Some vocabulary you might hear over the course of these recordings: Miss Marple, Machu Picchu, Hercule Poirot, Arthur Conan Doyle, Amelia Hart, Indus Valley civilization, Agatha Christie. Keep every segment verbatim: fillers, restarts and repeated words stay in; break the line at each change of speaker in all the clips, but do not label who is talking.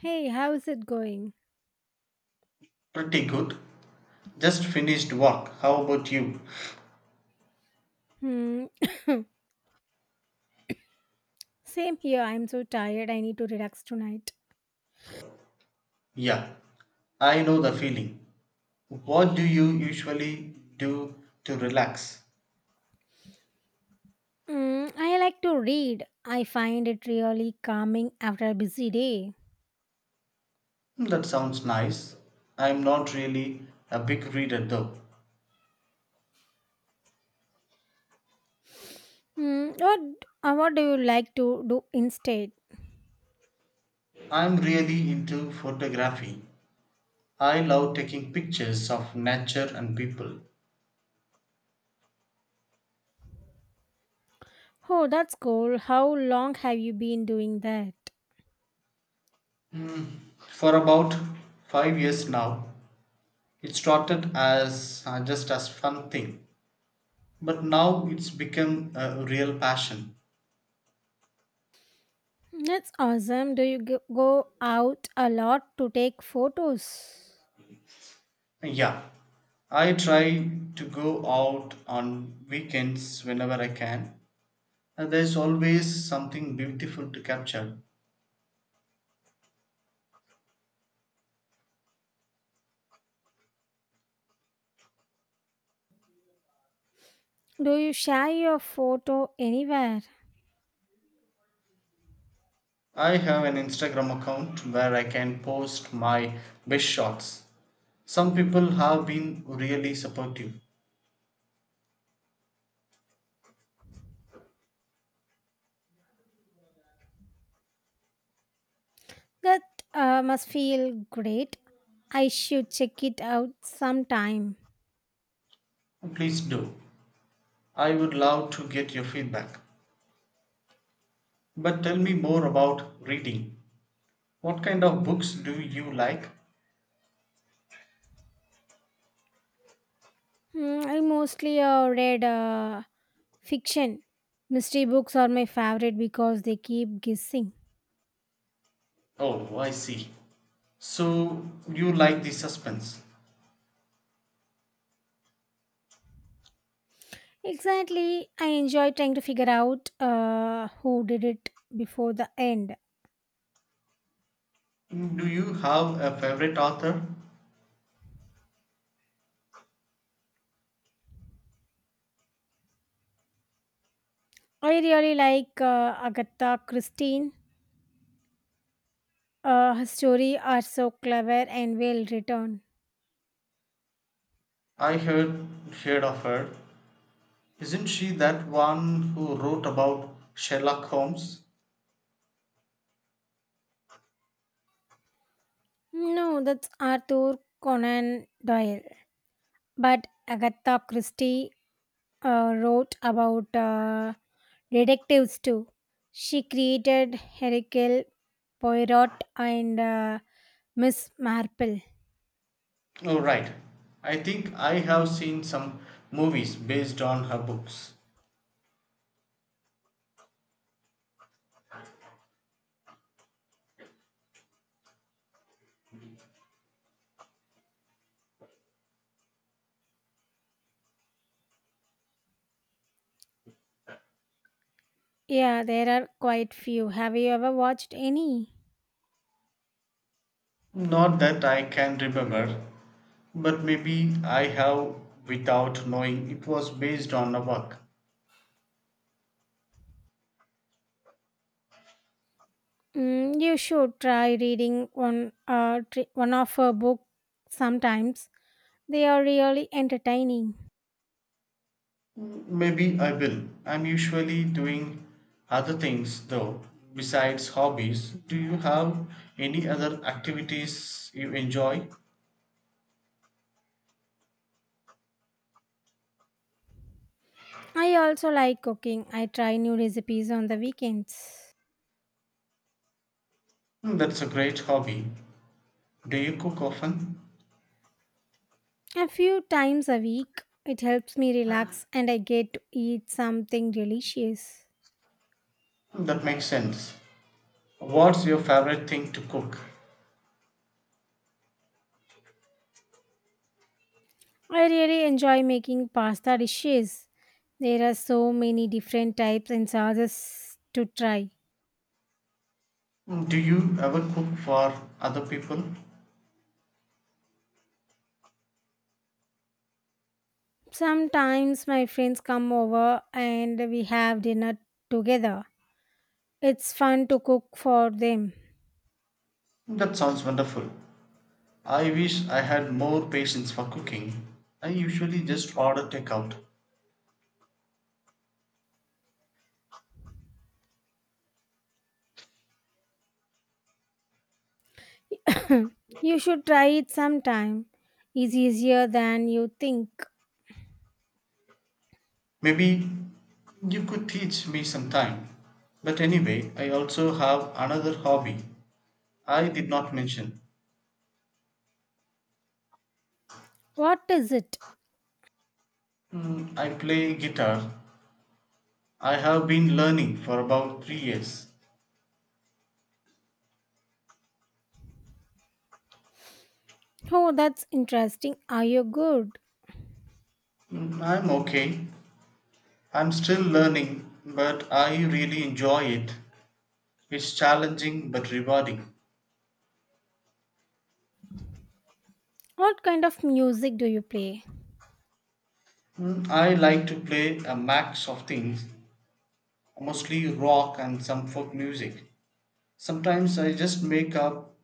Hey, how's it going?
Pretty good. Just finished work. How about you?
Hmm. Same here. I'm so tired. I need to relax tonight.
Yeah, I know the feeling. What do you usually do to relax?
Hmm. I like to read. I find it really calming after a busy day.
Hmm, that sounds nice. I'm not really a big reader though.
Hmm. What uh, what do you like to do instead?
I'm really into photography. I love taking pictures of nature and people.
Oh, that's cool. How long have you been doing that?
For about five years now, it started as uh, just as fun thing, but now it's become a real passion.
That's awesome. Do you g- go out a lot to take photos?
Yeah, I try to go out on weekends whenever I can. And there's always something beautiful to capture.
Do you share your photo anywhere?
I have an Instagram account where I can post my best shots. Some people have been really supportive.
That uh, must feel great. I should check it out sometime.
Please do. I would love to get your feedback. But tell me more about reading. What kind of books do you like?
Hmm, I mostly uh, read uh, fiction. Mystery books are my favorite because they keep guessing.
Oh, I see. So you like the suspense.
Exactly, I enjoy trying to figure out uh, who did it before the end.
Mm, do you have a favorite author?
I really like uh, Agatha Christine. Uh, her stories are so clever and well written.
I heard heard of her. Isn't she that one who wrote about Sherlock Holmes?
No, that's Arthur Conan Doyle. But Agatha Christie uh, wrote about uh, detectives too. She created Hercule Poirot and uh, Miss Marple.
Oh right. I think I have seen some movies based on her books.
Yeah, there are quite few. Have you ever watched any?
Not that I can remember, but maybe I have without knowing it was based on a work.
Mm, you should try reading one uh, tri- one of her books sometimes. They are really entertaining.
Mm, maybe I will. I'm usually doing other things though, besides hobbies. Do you have any other activities you enjoy?
I also like cooking. I try new recipes on the weekends.
Mm, that's a great hobby. Do you cook often?
A few times a week, it helps me relax and I get to eat something delicious.
Mm, that makes sense. What's your favorite thing to cook?
I really enjoy making pasta dishes. There are so many different types and sauces to try.
Mm, do you ever cook for other people?
Sometimes my friends come over and we have dinner together. It's fun to cook for them.
Mm, that sounds wonderful. I wish I had more patience for cooking. I usually just order takeout.
You should try it sometime. It's easier than you think.
Maybe you could teach me sometime. But anyway, I also have another hobby I did not mention.
What is it?
Mm, I play guitar. I have been learning for about three years.
Oh, that's interesting. Are you good?
Mm, I'm okay. I'm still learning, but I really enjoy it. It's challenging but rewarding.
What kind of music do you play?
Mm, I like to play a max of things, mostly rock and some folk music. Sometimes I just make up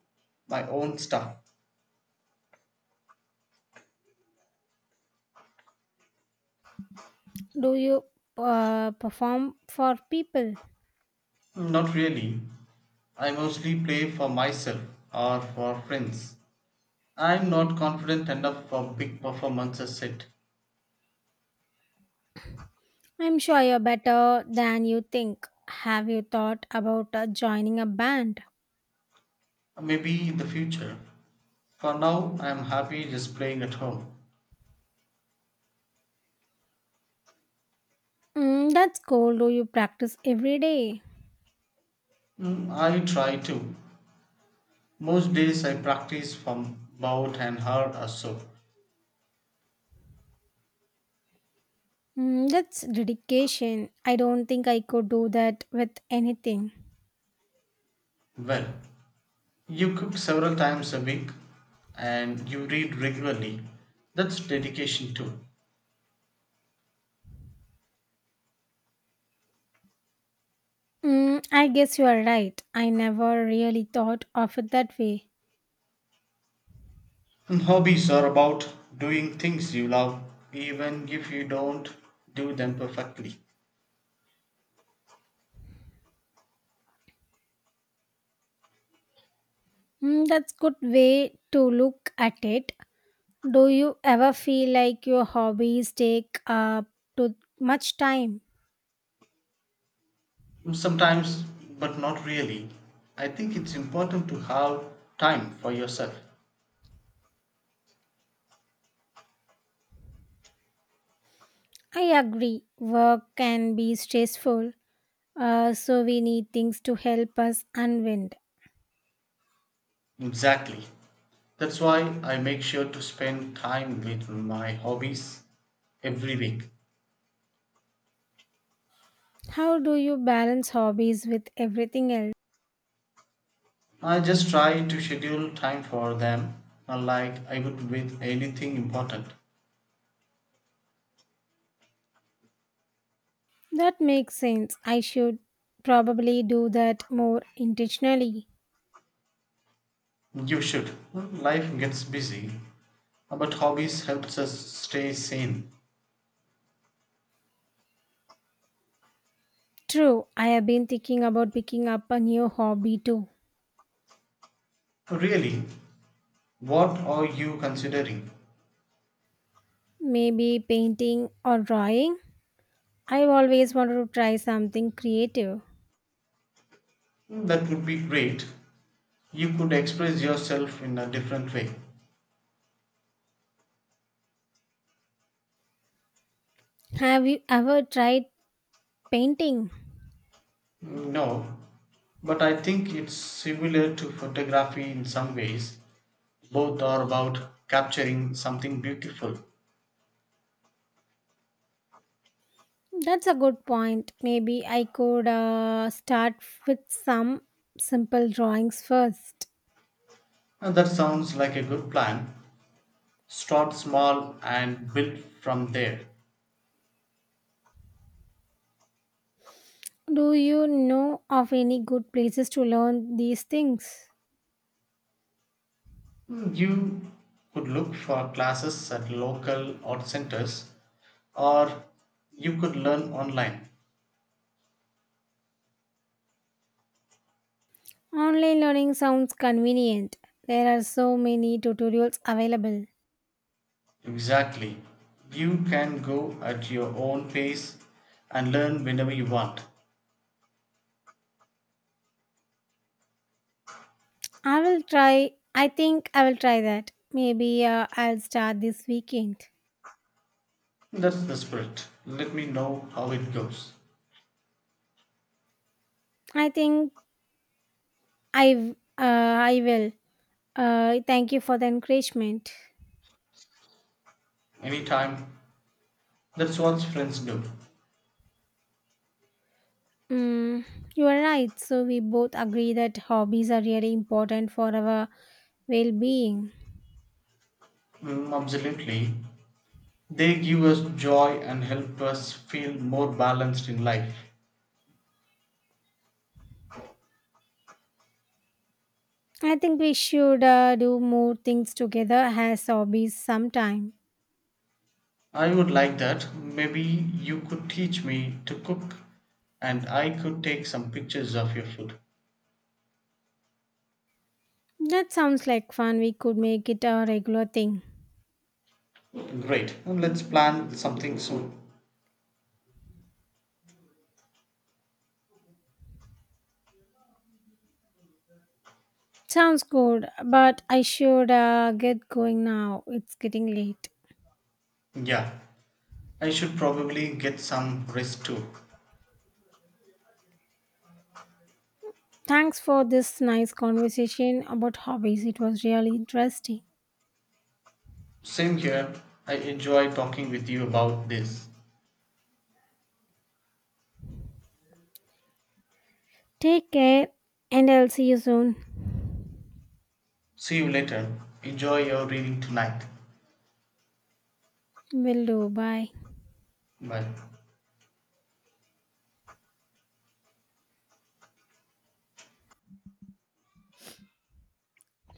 my own stuff.
Do you uh, perform for people?
Not really. I mostly play for myself or for friends. I'm not confident enough for big performances yet.
I'm sure you're better than you think. Have you thought about uh, joining a band?
Maybe in the future. For now, I'm happy just playing at home.
Mm, that's cool. Do you practice every day?
Mm, I try to. Most days I practice from about an hour or so.
Mm, that's dedication. I don't think I could do that with anything.
Well, you cook several times a week and you read regularly. That's dedication too.
Mm, I guess you are right. I never really thought of it that way.
And hobbies are about doing things you love, even if you don't do them perfectly.
Mm, that's good way to look at it. Do you ever feel like your hobbies take up too much time?
Sometimes, but not really. I think it's important to have time for yourself.
I agree, work can be stressful, uh, so we need things to help us unwind.
Exactly. That's why I make sure to spend time with my hobbies every week.
How do you balance hobbies with everything else?
I just try to schedule time for them, unlike I would with anything important.
That makes sense. I should probably do that more intentionally.
You should. Life gets busy, but hobbies helps us stay sane.
True, I have been thinking about picking up a new hobby too.
Really, what are you considering?
Maybe painting or drawing. I've always wanted to try something creative.
That would be great. You could express yourself in a different way.
Have you ever tried painting?
No, but I think it's similar to photography in some ways. Both are about capturing something beautiful.
That's a good point. Maybe I could uh, start with some simple drawings first.
And that sounds like a good plan. Start small and build from there.
Do you know of any good places to learn these things?
Mm, you could look for classes at local art centers or you could learn online.
Online learning sounds convenient. There are so many tutorials available.
Exactly. You can go at your own pace and learn whenever you want.
I will try, I think I will try that. Maybe uh, I'll start this weekend.
That's the spirit. Let me know how it goes.
I think I, uh, I will. Uh, thank you for the encouragement.
Anytime. That's what friends do.
Mm, you are right. So, we both agree that hobbies are really important for our well being.
Mm, absolutely. They give us joy and help us feel more balanced in life.
I think we should uh, do more things together as hobbies sometime.
I would like that. Maybe you could teach me to cook and I could take some pictures of your food.
That sounds like fun. We could make it a regular thing.
Great. Let's plan something soon.
Sounds good, but I should uh, get going now. It's getting late.
Yeah, I should probably get some rest too.
Thanks for this nice conversation about hobbies. It was really interesting.
Same here. I enjoy talking with you about this.
Take care, and I'll see you soon.
See you later. Enjoy your reading tonight.
Will do. Bye.
Bye.